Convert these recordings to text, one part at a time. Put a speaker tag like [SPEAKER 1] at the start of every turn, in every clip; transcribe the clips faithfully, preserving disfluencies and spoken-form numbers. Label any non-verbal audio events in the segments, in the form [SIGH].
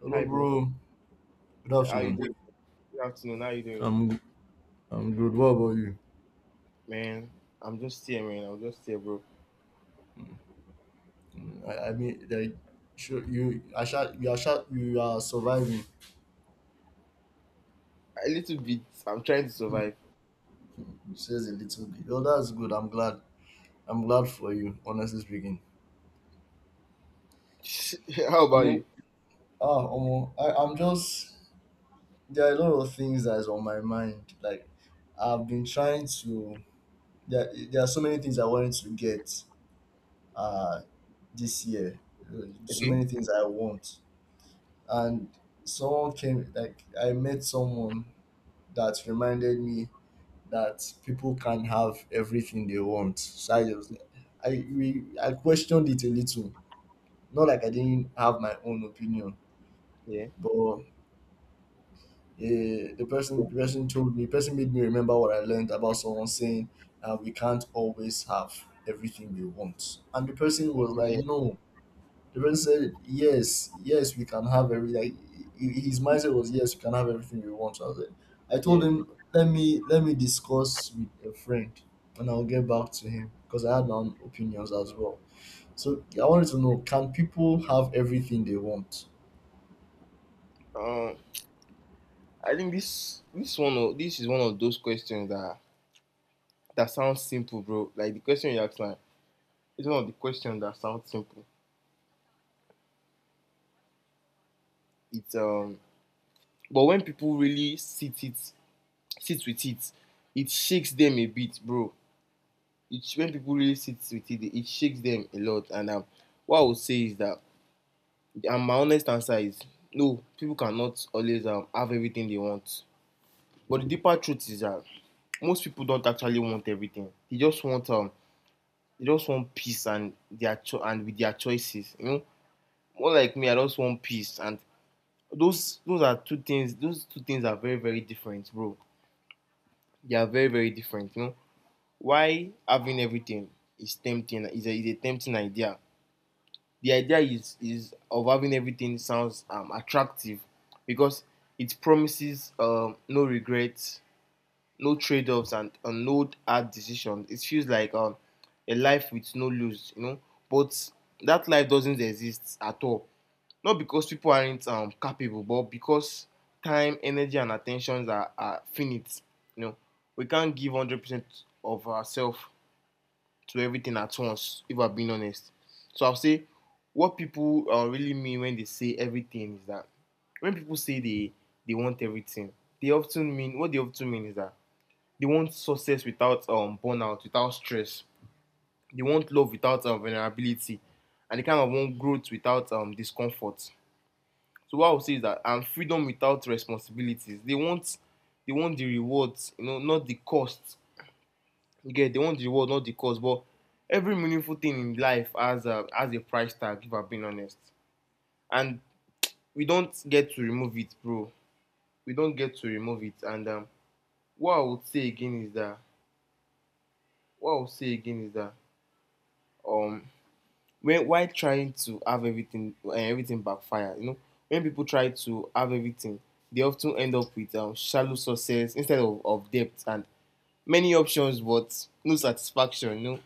[SPEAKER 1] Hello,
[SPEAKER 2] Hi, bro.
[SPEAKER 1] bro. Good
[SPEAKER 2] How you
[SPEAKER 1] afternoon.
[SPEAKER 2] doing? Good afternoon. How you doing,
[SPEAKER 1] I'm I'm good. What about you?
[SPEAKER 2] man? I'm just here, man. I'm just here, bro.
[SPEAKER 1] Mm, I, I mean, like, sure, you I shot you are shot you are surviving.
[SPEAKER 2] A little bit. I'm trying to survive.
[SPEAKER 1] [LAUGHS] It says a little bit. Oh, that's good. I'm glad. I'm glad for you. Honestly speaking,
[SPEAKER 2] [LAUGHS] How
[SPEAKER 1] I
[SPEAKER 2] about
[SPEAKER 1] mean,
[SPEAKER 2] you?
[SPEAKER 1] ah, Omo, I I'm just There are a lot of things that is on my mind. Like, I've been trying to. There there are so many things I wanted to get uh this year. Uh, So
[SPEAKER 2] Okay.
[SPEAKER 1] many things I want. And someone came, like, I met someone that reminded me that people can have everything they want. So I just I we I questioned it a little. Not like I didn't have my own opinion,
[SPEAKER 2] Yeah.
[SPEAKER 1] but uh, the person the person told me. The person made me remember what I learned about someone saying, uh, "We can't always have everything we want." And the person was like,
[SPEAKER 2] Yeah.
[SPEAKER 1] "No." The friend said, "Yes, yes, we can have every, like." he- he- His mindset was, "Yes, we can have everything we want." I was like, I told
[SPEAKER 2] Yeah.
[SPEAKER 1] him, "Let me let me discuss with a friend, and I'll get back to him because I had my own opinions as well." So I wanted to know, can people have everything they want?
[SPEAKER 2] Uh, I think this this one o- this is one of those questions that that sounds simple, bro. Like the question you asked, like it's one of the questions that sounds simple. It's um, but when people really sit it sit with it, it shakes them a bit, bro. It's when people really sit with it, it shakes them a lot. And um, what I would say is that, and my honest answer is no, people cannot always um, have everything they want. But the deeper truth is that most people don't actually want everything. They just want um, they just want peace and their cho- and with their choices. You know, more like me, I just want peace. And those those are two things. Those two things are very very different, bro. They are very very different. You know, why having everything is tempting is a, is a tempting idea. The idea is is of having everything sounds um, attractive because it promises um, no regrets, no trade-offs, and, and no hard decisions. It feels like um, a life with no lose, you know. But that life doesn't exist at all. Not because people aren't um, capable, but because time, energy, and attentions are, are finite. You know, we can't give one hundred percent of ourselves to everything at once, if I'm being honest. So I'll say what people uh, really mean when they say everything is that when people say they they want everything, they often mean what they often mean is that they want success without um burnout, without stress. They want love without um, vulnerability, and they kind of want growth without um discomfort. So what I would say is that and freedom without responsibilities. They want they want the rewards, you know, not the costs you get They want the reward, not the cause. But every meaningful thing in life has a has a price tag, if I'm being honest. And we don't get to remove it, bro. We don't get to remove it. And um, what I would say again is that what I would say again is that um, when why trying to have everything uh, everything backfire, you know, when people try to have everything, they often end up with um, shallow success instead of, of depth, and many options but no satisfaction, no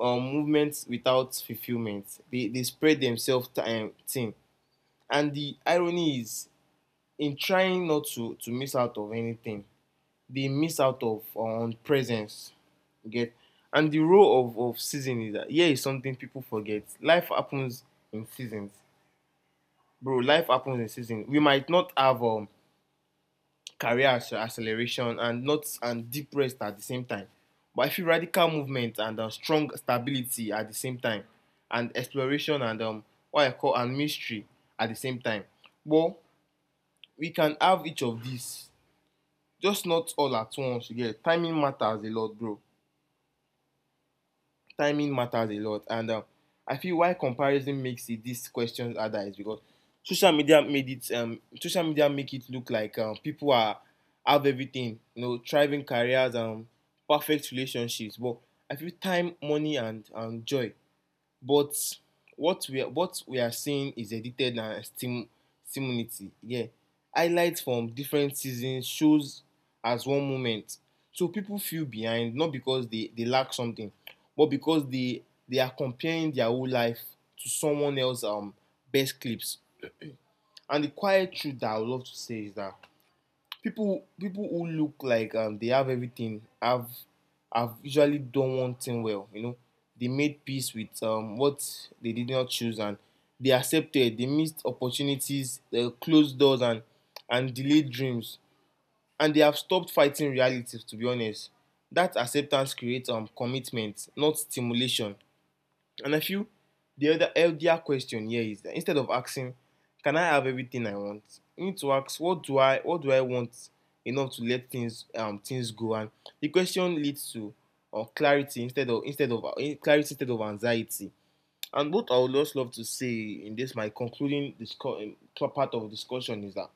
[SPEAKER 2] um movement without fulfilment. They they spread themselves um thin, and the irony is in trying not to to miss out of anything, they miss out of uh, on um presence, you get? Okay. And the role of of season is that here is something people forget. Life happens in seasons, bro. Life happens in seasons. We might not have um career acce- acceleration and not and deep rest at the same time. But I feel radical movement and um, strong stability at the same time, and exploration and um, what I call and mystery at the same time. But we can have each of these, just not all at once. You get? Timing matters a lot, bro. Timing matters a lot. And um, I feel why comparison makes it these questions harder is because social media made it um, social media make it look like um, people are have everything, you know, thriving careers and perfect relationships. But I feel time, money, and and joy, but what we are what we are seeing is edited and stim stimulating, yeah, highlights from different seasons shows as one moment. So people feel behind not because they they lack something, but because they they are comparing their whole life to someone else's um best clips. And the quiet truth that I would love to say is that people people who look like um, they have everything have have usually done one thing well. You know, they made peace with um, what they did not choose, and they accepted. They missed opportunities, uh, closed doors, and and delayed dreams. And they have stopped fighting realities. To be honest, that acceptance creates um, commitment, not stimulation. And I feel the other healthier question here is that instead of asking, can I have everything I want? You need to ask, what do I what do I want enough to let things um things go. And the question leads to uh, clarity instead of instead of uh, clarity instead of anxiety. And what I would just love to say in this my concluding discu- um, part of discussion is that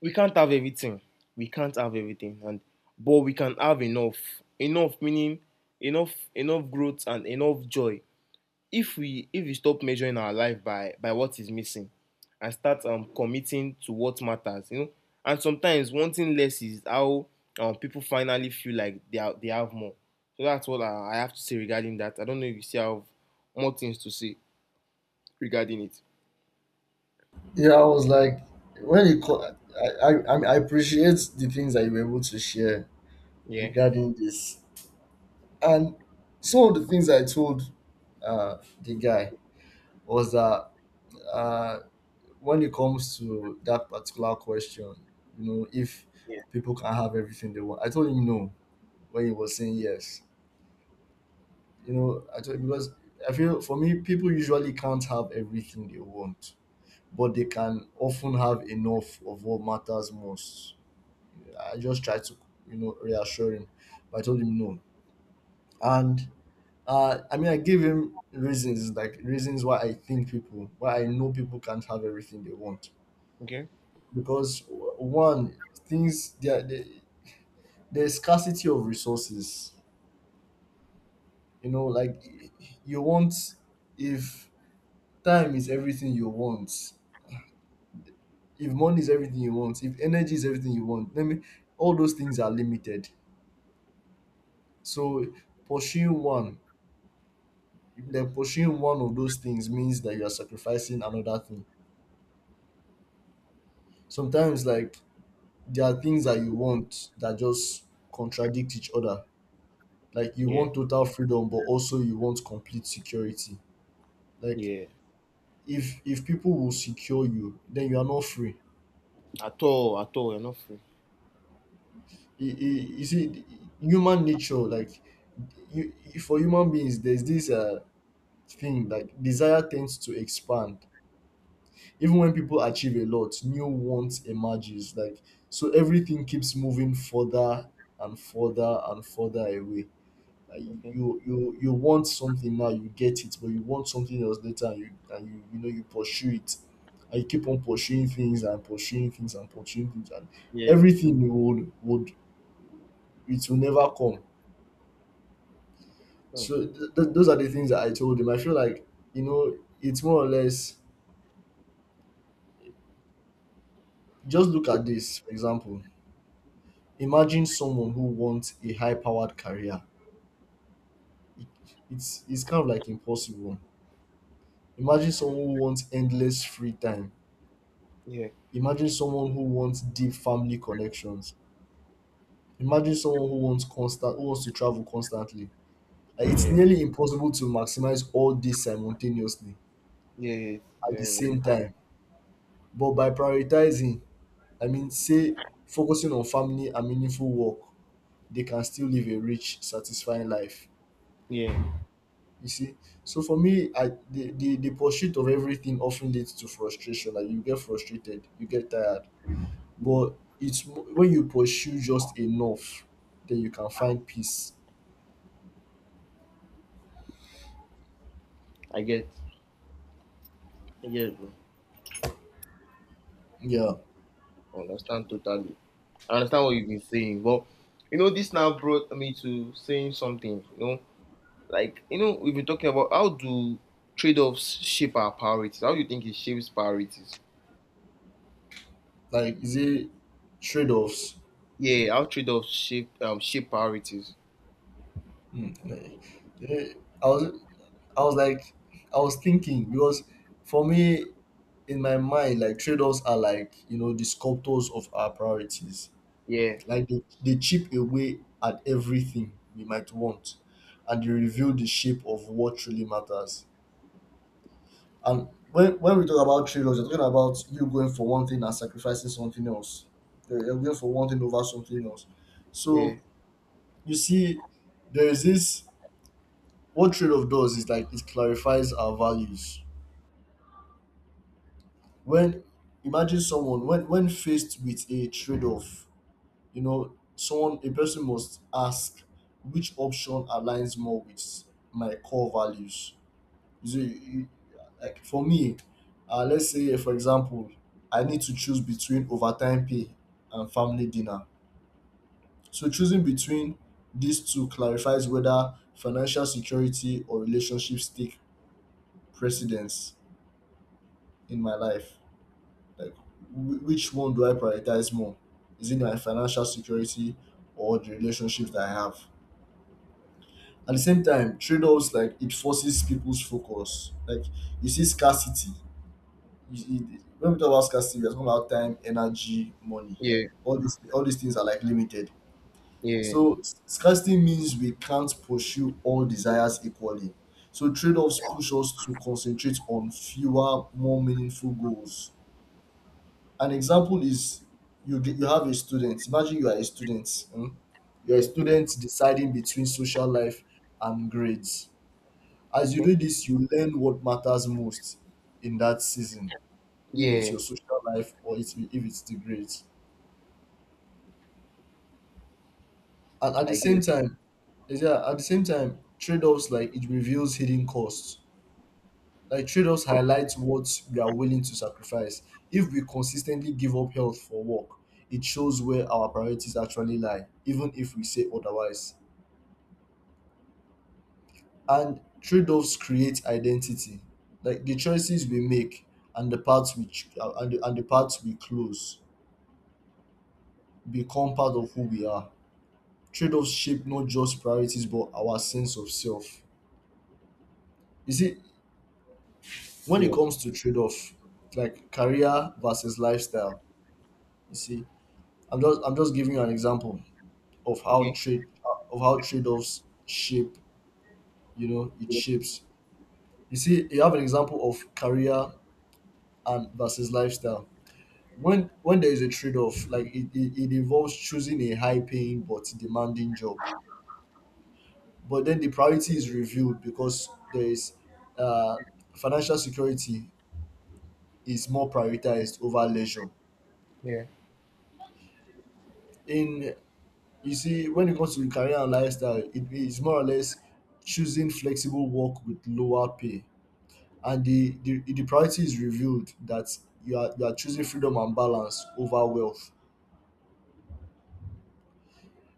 [SPEAKER 2] we can't have everything. We can't have everything, and but we can have enough. Enough meaning enough enough growth and enough joy, if we if we stop measuring our life by by what is missing and start um, committing to what matters, you know. And sometimes wanting less is how um, people finally feel like they are, they have more. So that's what I, I have to say regarding that. I don't know if you still have more things to say regarding it.
[SPEAKER 1] Yeah, I was like, when it co- I, I I mean, I appreciate the things that you were able to share
[SPEAKER 2] Yeah.
[SPEAKER 1] regarding this, and some of the things I told uh, the guy was that, uh, when it comes to that particular question, you know, if
[SPEAKER 2] Yeah.
[SPEAKER 1] people can have everything they want, I told him no when he was saying yes. You know, I told, because I feel for me, people usually can't have everything they want, but they can often have enough of what matters most. I just tried to, you know, reassure him, but I told him no. And uh, I mean, I gave him reasons, like reasons why I think people, why I know people can't have everything they want,
[SPEAKER 2] Okay.
[SPEAKER 1] because one, things there, the, the scarcity of resources, you know. Like, you want, if time is everything you want, if money is everything you want, if energy is everything you want, let me, all those things are limited. So pursuing one then pursuing one of those things means that you are sacrificing another thing sometimes. Like, there are things that you want that just contradict each other. Like, you
[SPEAKER 2] Yeah.
[SPEAKER 1] want total freedom, but also you want complete security. Like,
[SPEAKER 2] Yeah.
[SPEAKER 1] if if people will secure you, then you are not free.
[SPEAKER 2] At all. At all. You're not free.
[SPEAKER 1] You, you see, human nature, like, you, for human beings, there's this uh thing, like desire tends to expand. Even when people achieve a lot, new wants emerges. Like, so everything keeps moving further and further and further away. Like,
[SPEAKER 2] Okay.
[SPEAKER 1] you you you want something now, you get it, but you want something else later, and you and you you know, you pursue it, and you keep on pursuing things and pursuing things and pursuing things, and
[SPEAKER 2] Yeah.
[SPEAKER 1] everything would would it will never come.
[SPEAKER 2] Oh,
[SPEAKER 1] So th- th- those are the things that I told him. I feel like, you know, it's more or less. Just look at this, for example. Imagine someone who wants a high-powered career. It- It's it's kind of like impossible. Imagine someone who wants endless free time.
[SPEAKER 2] yeah.
[SPEAKER 1] Imagine someone who wants deep family connections. Imagine someone who wants constant who wants to travel constantly. Like, it's
[SPEAKER 2] Yeah.
[SPEAKER 1] nearly impossible to maximize all this simultaneously
[SPEAKER 2] Yeah. It's
[SPEAKER 1] at the
[SPEAKER 2] very.
[SPEAKER 1] same time. But by prioritizing, I mean, say, focusing on family and meaningful work, they can still live a rich, satisfying life.
[SPEAKER 2] Yeah, yeah,
[SPEAKER 1] You see? So for me, I the, the, the pursuit of everything often leads to frustration. Like, you get frustrated, you get tired.
[SPEAKER 2] yeah.
[SPEAKER 1] But it's mo- when you pursue just enough, then you can find peace.
[SPEAKER 2] I get. I get, bro.
[SPEAKER 1] Yeah,
[SPEAKER 2] I understand totally. I understand what you've been saying, but you know, this now brought me to saying something. You know, like, you know, we've been talking about how do trade-offs shape our priorities. How do you think it shapes priorities?
[SPEAKER 1] like, is it trade-offs?
[SPEAKER 2] Yeah, how trade-offs shape um shape priorities.
[SPEAKER 1] Hmm, like, eh, I was, I was like, I was thinking, because for me, in my mind, like, trade-offs are, like, you know, the sculptors of our priorities.
[SPEAKER 2] Yeah,
[SPEAKER 1] Like, they, they chip away at everything we might want, and they reveal the shape of what truly matters. And when when we talk about trade-offs, you're talking about you going for one thing and sacrificing something else. You're you're going for one thing over something else.
[SPEAKER 2] yeah,
[SPEAKER 1] So you see, there is this, what trade-off does is, like, it clarifies our values. When Imagine someone, when when faced with a trade-off, you know, someone a person must ask, which option aligns more with my core values? So you- like, for me, uh, let's say, for example, I need to choose between overtime pay and family dinner. So choosing between these two clarifies whether financial security or relationships take precedence in my life. Like, wh- which one do I prioritize more? Is it my financial security or the relationships that I have? At the same time, trade-offs, like, it forces people's focus. Like, you see scarcity, you- you- when we talk about scarcity, we're talking about time, energy, money.
[SPEAKER 2] yeah,
[SPEAKER 1] All these all these things are, like, limited.
[SPEAKER 2] yeah,
[SPEAKER 1] So s- scarcity means we can't pursue all desires equally. So trade-offs push us to concentrate on fewer, more meaningful goals. An example is, you get, you have a student. Imagine you are a student. Hmm. You're a
[SPEAKER 2] yeah.
[SPEAKER 1] student deciding between social life and grades. As you
[SPEAKER 2] Okay.
[SPEAKER 1] do this, you learn what matters most in that season, if it's
[SPEAKER 2] Yeah,
[SPEAKER 1] your social life or it's if it's the grades. And at the
[SPEAKER 2] I get.
[SPEAKER 1] same
[SPEAKER 2] It.
[SPEAKER 1] time, yeah, at the same time, trade-offs, like, it reveals hidden costs. Like, trade-offs highlight what we are willing to sacrifice. If we consistently give up health for work, it shows where our priorities actually lie, even if we say otherwise. And trade-offs create identity. Like, the choices we make and the parts which uh, and the, and the parts we close become part of who we are. Trade-offs shape not just priorities, but our sense of self. You see, when it
[SPEAKER 2] Yeah.
[SPEAKER 1] comes to trade-off, like career versus lifestyle, you see, i'm just I'm just giving you an example of how
[SPEAKER 2] Okay.
[SPEAKER 1] trade of how trade-offs shape, you know, it shapes. You see, you have an example of career and versus lifestyle. When when there is a trade-off, like, it, it, it involves choosing a high paying but demanding job, but then the priority is reviewed, because there is, uh, financial security is more prioritized over leisure.
[SPEAKER 2] Yeah.
[SPEAKER 1] In You see, when it comes to career and lifestyle, it is more or less choosing flexible work with lower pay, and the the, the priority is reviewed, that you are, you are choosing freedom and balance over wealth.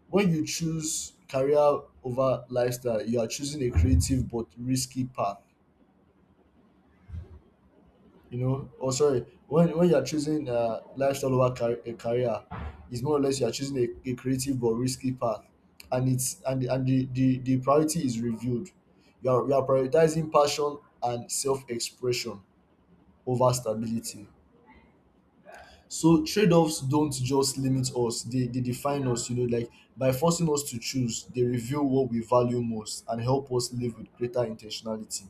[SPEAKER 1] When you choose career over lifestyle, you are choosing a creative but risky path, you know, or sorry, when when you're choosing, uh, lifestyle over car- a career, it's more or less, you're choosing a, a creative but risky path, and it's and the- and the, the, the priority is reviewed. You are, you are prioritizing passion and self expression over stability. So trade offs don't just limit us; they they define us. You know, like, by forcing us to choose, they reveal what we value most and help us live with greater intentionality.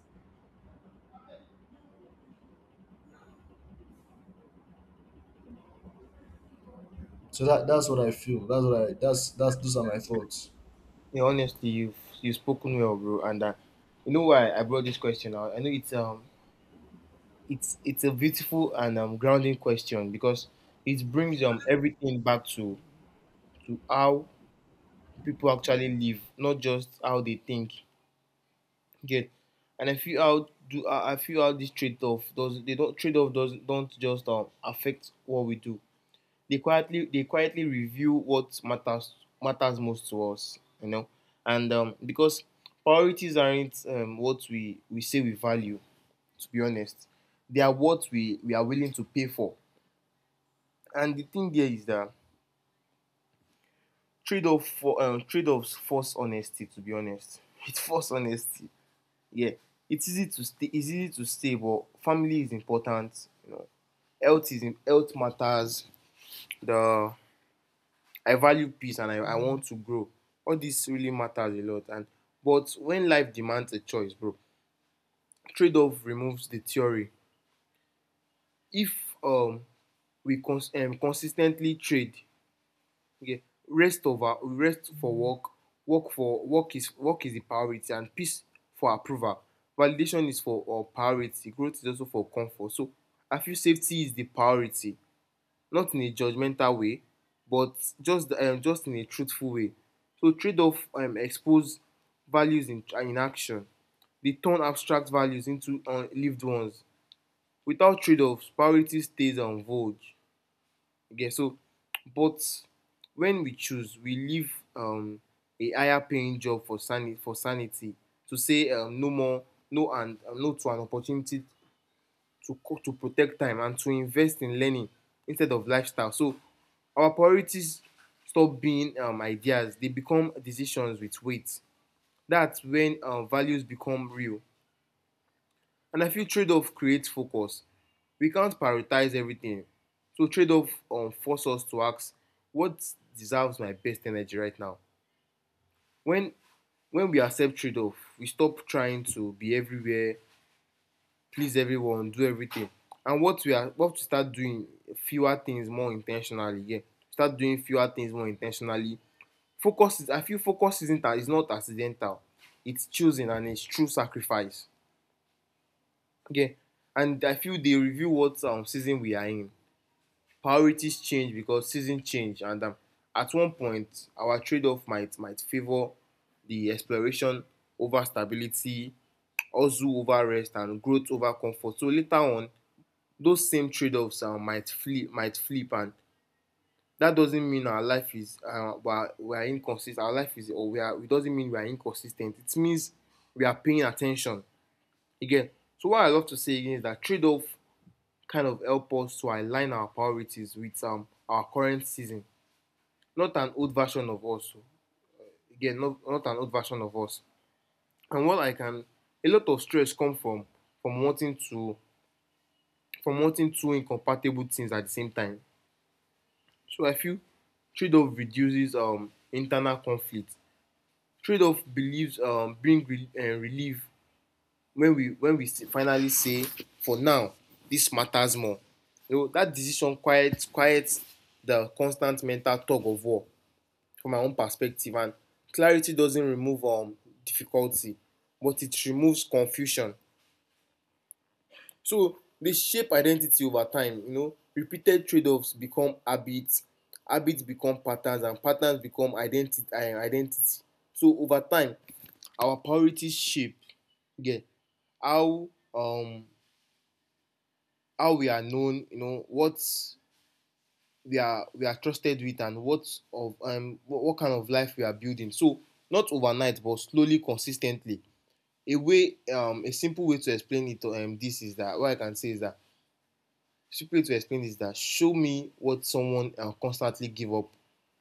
[SPEAKER 1] So that that's what I feel. That's what I that's that's those are my thoughts.
[SPEAKER 2] Yeah. Honestly, you've you've spoken well, bro, and uh, you know why I brought this question out. I know it's um It's it's a beautiful and um, grounding question because it brings um everything back to to how people actually live, not just how they think. Get. And I feel how do I I feel how this trade off does they don't trade off does don't just um affect what we do. They quietly they quietly review what matters matters most to us, you know, and um because priorities aren't um what we we say we value, to be honest. They are what we, we are willing to pay for. And the thing there is that trade-off for um, trade-offs force honesty. To be honest, [LAUGHS] it force honesty. Yeah, it's easy to stay. It's easy to stay, but family is important. You know, health is im- health matters. The I value peace, and I, I want to grow. All this really matters a lot. And but when life demands a choice, bro, trade-off removes the theory. If um we cons- um, consistently trade, okay, rest over rest for work. Work for work is work is the priority, and peace for approval validation is for um priority, growth is also for comfort. So I feel safety is the priority, not in a judgmental way, but just um just in a truthful way. So trade-off um expose values in in action. Dey turn abstract values into um lived ones. Without trade-offs, priority stays um vague. Okay, so but when we choose, we leave um, a higher paying job for sanity, for sanity. To say um, no more, no and um, no to an opportunity, to co- to protect time and to invest in learning instead of lifestyle. So our priorities stop being um, ideas; they become decisions with weight. That's when um, values become real. And I feel trade-off creates focus. We can't prioritize everything. So trade-off um, force us to ask, what deserves my best energy right now? When when we accept trade-off, we stop trying to be everywhere, please everyone, do everything. And what we are what we start doing fewer things more intentionally. Yeah. Start doing fewer things more intentionally. Focus is, I feel, focus isn't is not accidental. It's choosing and it's true sacrifice. Okay, and I feel they review what um, season we are in. Priorities change because season change, and um, at one point, our trade-off might might favor the exploration over stability, also over rest, and growth over comfort. So later on, those same trade-offs um, might flip, might flip, and that doesn't mean our life is uh, we are, we are inconsistent. Our life is, or we are. It doesn't mean we are inconsistent. It means we are paying attention again. So what I love to say again is that trade-off kind of help us to align our priorities with um, our current season. Not an old version of us. Again, not, not an old version of us. And what I can, a lot of stress comes from from wanting to from wanting two incompatible things at the same time. So I feel trade-off reduces um, internal conflict. Trade-off believes um, bring re- uh, relief when we when we finally say, for now this matters more, you know that decision quiets quiets the constant mental tug of war from my own perspective. And clarity doesn't remove um, difficulty, but it removes confusion. So they shape identity over time. You know, repeated trade-offs become habits, habits become patterns, and patterns become identity identity. So over time our priorities shape, yeah, how um, how we are known, you know, what we are we are trusted with, and what of um what, what kind of life we are building. So not overnight, but slowly, consistently. A way um a simple way to explain it to um this is that what I can say is that simple way to explain is that show me what someone uh, constantly give up,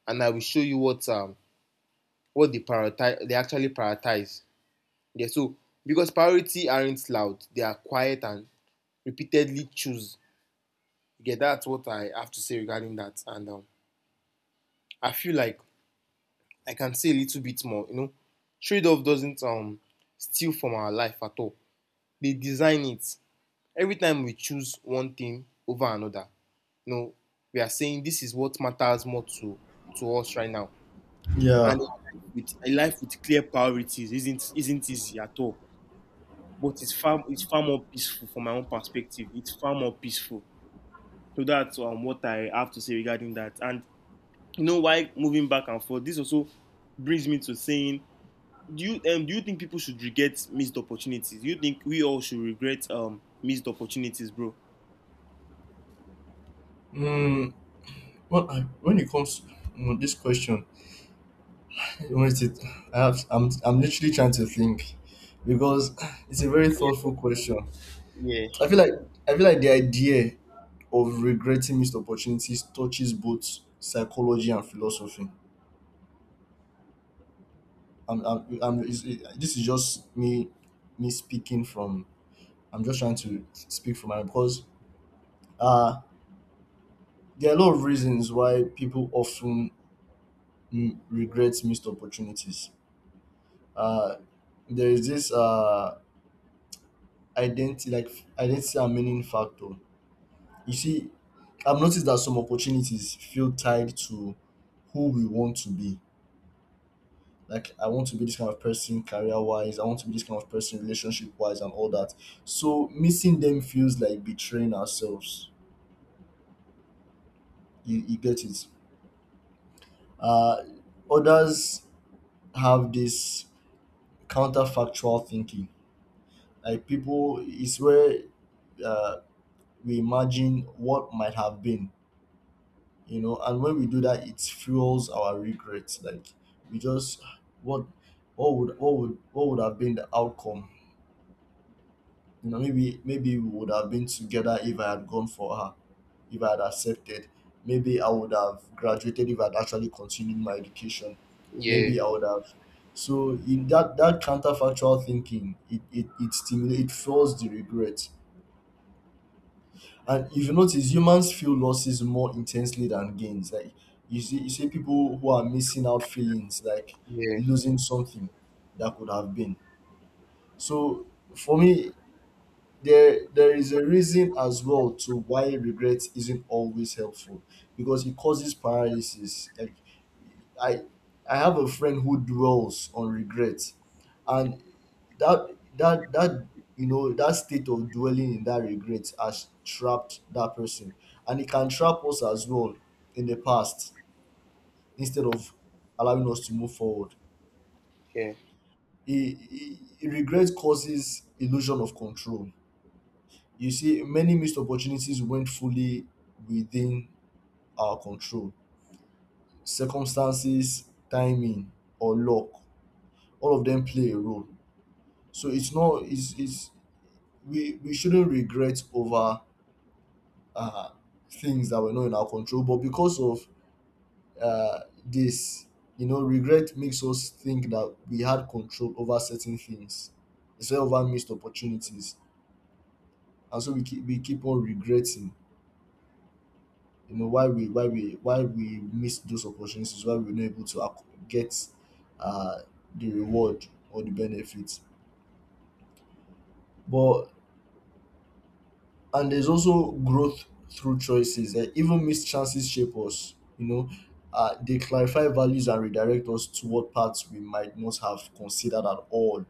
[SPEAKER 2] and I will show you what um what they prioritize they actually prioritize. Yeah, so because priority aren't loud, they are quiet and repeatedly choose. Yeah, that's what I have to say regarding that. And um I feel like I can say a little bit more. You know, trade off doesn't um, steal from our life at all. They design it. Every time we choose one thing over another, you know, we are saying this is what matters more to to us right now.
[SPEAKER 1] Yeah.
[SPEAKER 2] And a life with, a life with clear priorities isn't isn't easy at all. But it's far it's far more peaceful from my own perspective. It's far more peaceful. So that's um, what I have to say regarding that. And you know why moving back and forth. This also brings me to saying, do you um, do you think people should regret missed opportunities? Do you think we all should regret um missed opportunities, bro?
[SPEAKER 1] Mm, well, I, when it comes to this question, what is it, I have, I'm, I'm literally trying to think, because it's a very
[SPEAKER 2] Yeah,
[SPEAKER 1] thoughtful question.
[SPEAKER 2] yeah,
[SPEAKER 1] I feel like I feel like the idea of regretting missed opportunities touches both psychology and philosophy. I'm, I'm, I'm, it's, it, this is just me me speaking from. I'm just trying to speak from my, because uh, there are a lot of reasons why people often, mm, regret missed opportunities. uh, there is this, uh, identity, like identity and meaning factor. You see, I've noticed that some opportunities feel tied to who we want to be. Like, I want to be this kind of person career wise, I want to be this kind of person relationship wise and all that. So missing them feels like betraying ourselves. You, you get it. Uh, others have this counterfactual thinking. Like, people is where, uh, we imagine what might have been, you know, and when we do that, it fuels our regrets. Like, we just, what what would what would what would have been the outcome? You know, maybe, maybe we would have been together if I had gone for her, if I had accepted. Maybe I would have graduated if I had actually continued my education.
[SPEAKER 2] yeah,
[SPEAKER 1] Maybe I would have. So in that, that counterfactual thinking, it it, it stimulates, it fuels the regret. And if you notice, humans feel losses more intensely than gains. Like, you see, you see people who are missing out, feelings like
[SPEAKER 2] yeah,
[SPEAKER 1] losing something that could have been. So for me, there there is a reason as well to why regret isn't always helpful, because it causes paralysis. Like, i I have a friend who dwells on regret, and that that that you know, that state of dwelling in that regret has trapped that person, and it can trap us as well, in the past, instead of allowing us to move forward.
[SPEAKER 2] yeah,
[SPEAKER 1] It, it, regret causes illusion of control. You see, many missed opportunities went fully within our control. Circumstances, timing, or luck, all of them play a role. So it's not, it's, it's, we we shouldn't regret over, uh, things that were not in our control. But because of, uh, this, you know, regret makes us think that we had control over certain things instead of our missed opportunities, and so we keep we keep on regretting, you know, why we why we why we miss those opportunities, why we're not able to acc- get, uh, the reward or the benefits. But, and there's also growth through choices, that even missed chances shape us, you know, uh, they clarify values and redirect us toward paths we might not have considered at all.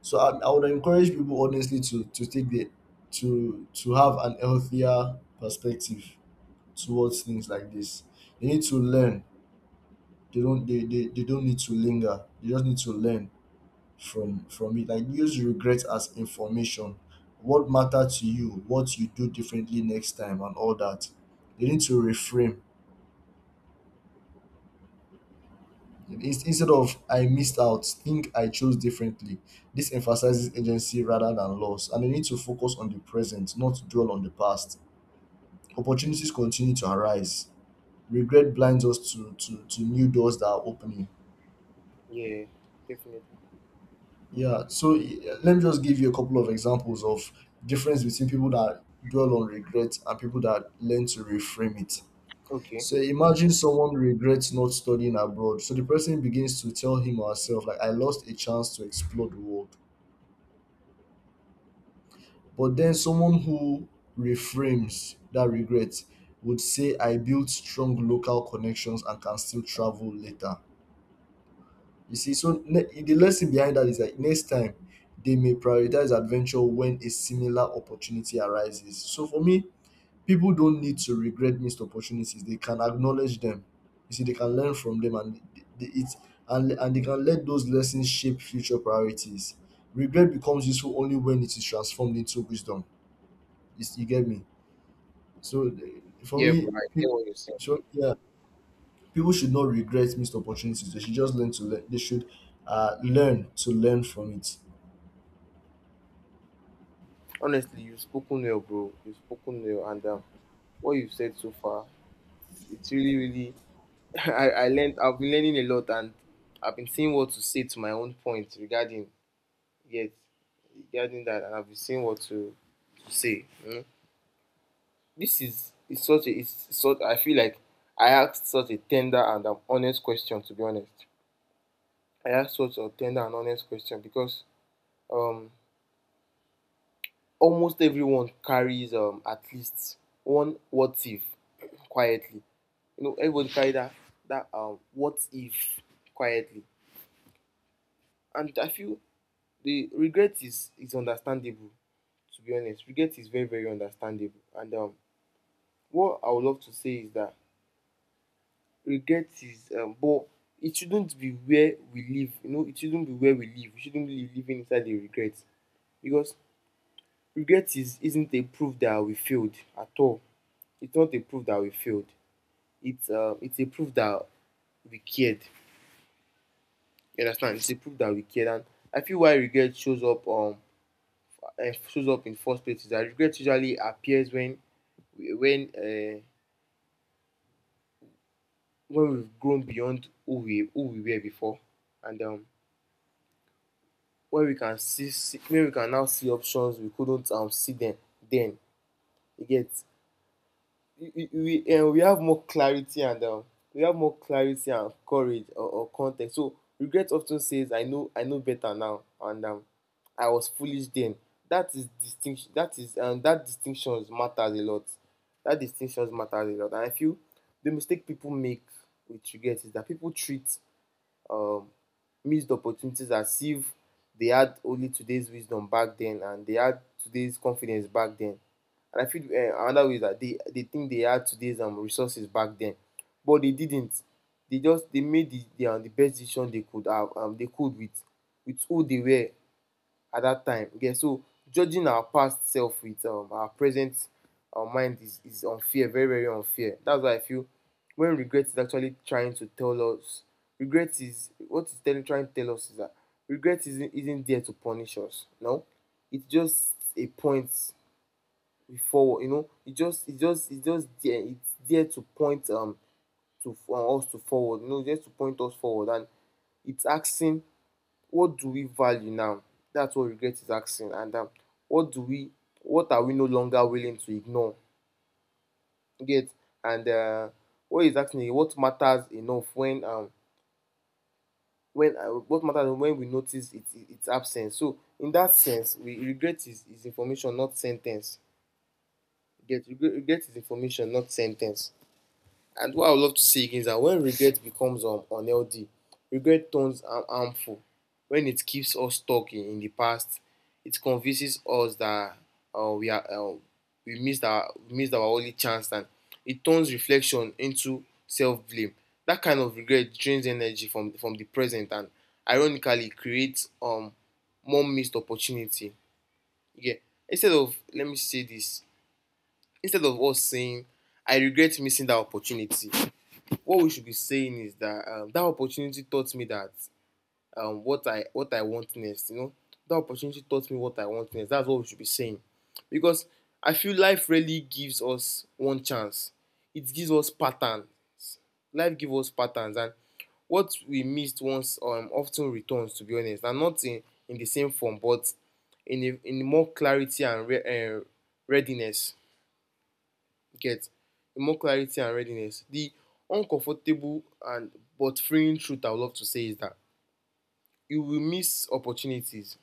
[SPEAKER 1] So i, I would encourage people, honestly, to to take the, to to have an healthier perspective towards things like this. You need to learn, they don't they, they, they don't need to linger, they just need to learn from from it. Like, use regret as information. What mattered to you, what you do differently next time and all that. They need to reframe. In- instead of "I missed out," think "I chose differently." This emphasizes agency rather than loss, and they need to focus on the present, not dwell on the past. Opportunities continue to arise. Regret blinds us to to, to new doors that are opening.
[SPEAKER 2] yeah, definitely.
[SPEAKER 1] Yeah, so, eh, let me just give you a couple of examples of difference between people that dwell on regret and people that learn to reframe it.
[SPEAKER 2] Okay.
[SPEAKER 1] So imagine someone regrets not studying abroad. So the person begins to tell him or herself, like, I lost a chance to explore the world. But then someone who reframes that regret would say, I built strong local connections and can still travel later. You see, so ne- the lesson behind that is that next time they may prioritize adventure when a similar opportunity arises. So for me, people don't need to regret missed opportunities. They can acknowledge them. You see, they can learn from them, and they, they, it's and and they can let those lessons shape future priorities. Regret becomes useful only when it is transformed into wisdom. You, s- you get me? So, eh, for
[SPEAKER 2] Yeah,
[SPEAKER 1] me,
[SPEAKER 2] bro, I
[SPEAKER 1] people,
[SPEAKER 2] hear what you're saying.
[SPEAKER 1] so yeah, people should not regret missed opportunities. They should just learn to learn. They should, uh, learn to learn from it.
[SPEAKER 2] Honestly, you've spoken well, bro. You've spoken well, and um, what you've said so far, it's really, really. [LAUGHS] I, I learned, I've been learning a lot, and I've been seeing what to say to my own point regarding, yes, regarding that, and I've been seeing what to, to say. Hmm. This is, it's such a it's sort. I feel like I asked such a tender and an honest question, to be honest. I asked such a tender and honest question because um almost everyone carries um at least one what if, quietly. You know, everybody carries that that um what if, quietly. And I feel the regret is is understandable, to be honest. Regret is very, very understandable. And um what I would love to say is that regret is um but it shouldn't be where we live. You know, it shouldn't be where we live. We shouldn't be living inside the regret, because regret is isn't a proof that we failed at all. It's not a proof that we failed. It's um it's a proof that we cared. You understand, it's a proof that we cared. And I feel why regret shows up um uh, shows up in first place is that regret usually appears when when uh, when we've grown beyond who we who we were before, and um where we can see, see where we can now see options we couldn't um, see them then. You get, we, we, we, um, we have more clarity and um, we have more clarity and courage, or, or context. So regret often says, "I know I know better now," and um, "I was foolish then." That is distinction. That is um, that distinction matters a lot. That distinction matters a lot, and I feel the mistake people make with regret is that people treat um, missed opportunities as if they had only today's wisdom back then, and they had today's confidence back then. And I feel uh, another way is that they, they think they had today's um, resources back then, but they didn't. They just they made the, the, um, the best decision they could have um, they could with with who they were at that time. Okay. So judging our past self with um, our present uh, mind is, is unfair, very, very unfair. That's why I feel when regret is actually trying to tell us, regret is what it's telling, trying to tell us is that regret isn't, isn't there to punish us. No, it's just a point forward. You know, it just, it just, it just there. It's there to point um to for us to forward. You know, just to point us forward, and it's asking, what do we value now? That's what regret is asking. And um, what do we, what are we no longer willing to ignore? You get, and uh, what is asking is what matters enough when um when uh, what matters when we notice it, it, its absence. So in that sense, we regret is, is information, not sentence. You get, regret, regret is information, not sentence. And what I would love to say again is that when regret becomes um, unhealthy, regret turns har- harmful. When it keeps us stuck in, in the past, it convinces us that uh, we are uh, we missed our we missed our only chance, and it turns reflection into self blame. That kind of regret drains energy from from the present, and ironically creates um more missed opportunity. Yeah. Instead of let me say this, instead of us saying, "I regret missing that opportunity," what we should be saying is that um, that opportunity taught me that um, what I what I want next. You know, that opportunity taught me what I want next. That's what we should be saying, because I feel life really gives us one chance. It gives us patterns. Life gives us patterns, and what we missed once um, often returns. To be honest, and not in, in the same form, but in a, in more clarity and re- uh, readiness. Get more clarity and readiness. The uncomfortable and but freeing truth I would love to say is that you will miss opportunities.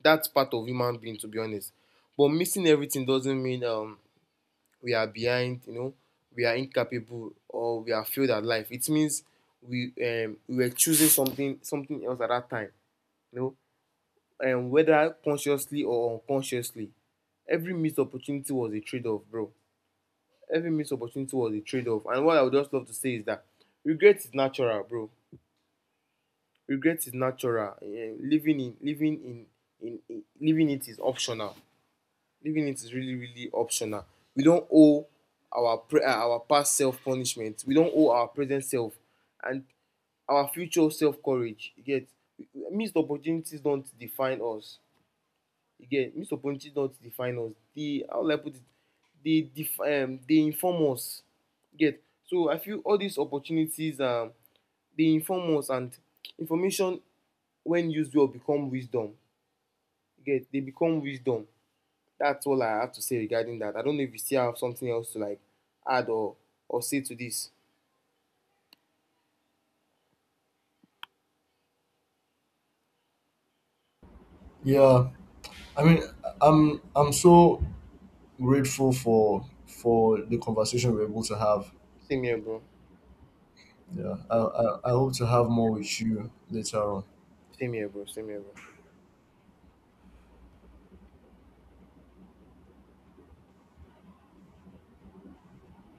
[SPEAKER 2] That's part of human being, to be honest. But missing everything doesn't mean um we are behind. You know, we are incapable, or we are failed at life. It means we um we were choosing something something else at that time, you know, and whether consciously or unconsciously, every missed opportunity was a trade-off, bro. Every missed opportunity was a trade-off. And what I would just love to say is that regret is natural, bro. Regret is natural. Eh, living in living in, in in living it is optional. Living it is really really optional. We don't owe our pre- uh, our past self punishment. We don't owe our present self, and our future self courage. You get, missed opportunities don't define us. Again, get missed don't define us. They how will I put it? They def- um, they inform us. Get, so I feel all these opportunities um they inform us, and information when used well become wisdom. Get, they become wisdom. That's all I have to say regarding that. I don't know if you still have something else to like add or or say to this.
[SPEAKER 1] Yeah, I mean, I'm I'm so grateful for for the conversation we're able to have.
[SPEAKER 2] Same here, bro.
[SPEAKER 1] Yeah, I I, I hope to have more with you later on.
[SPEAKER 2] Same here, bro. Same here, bro.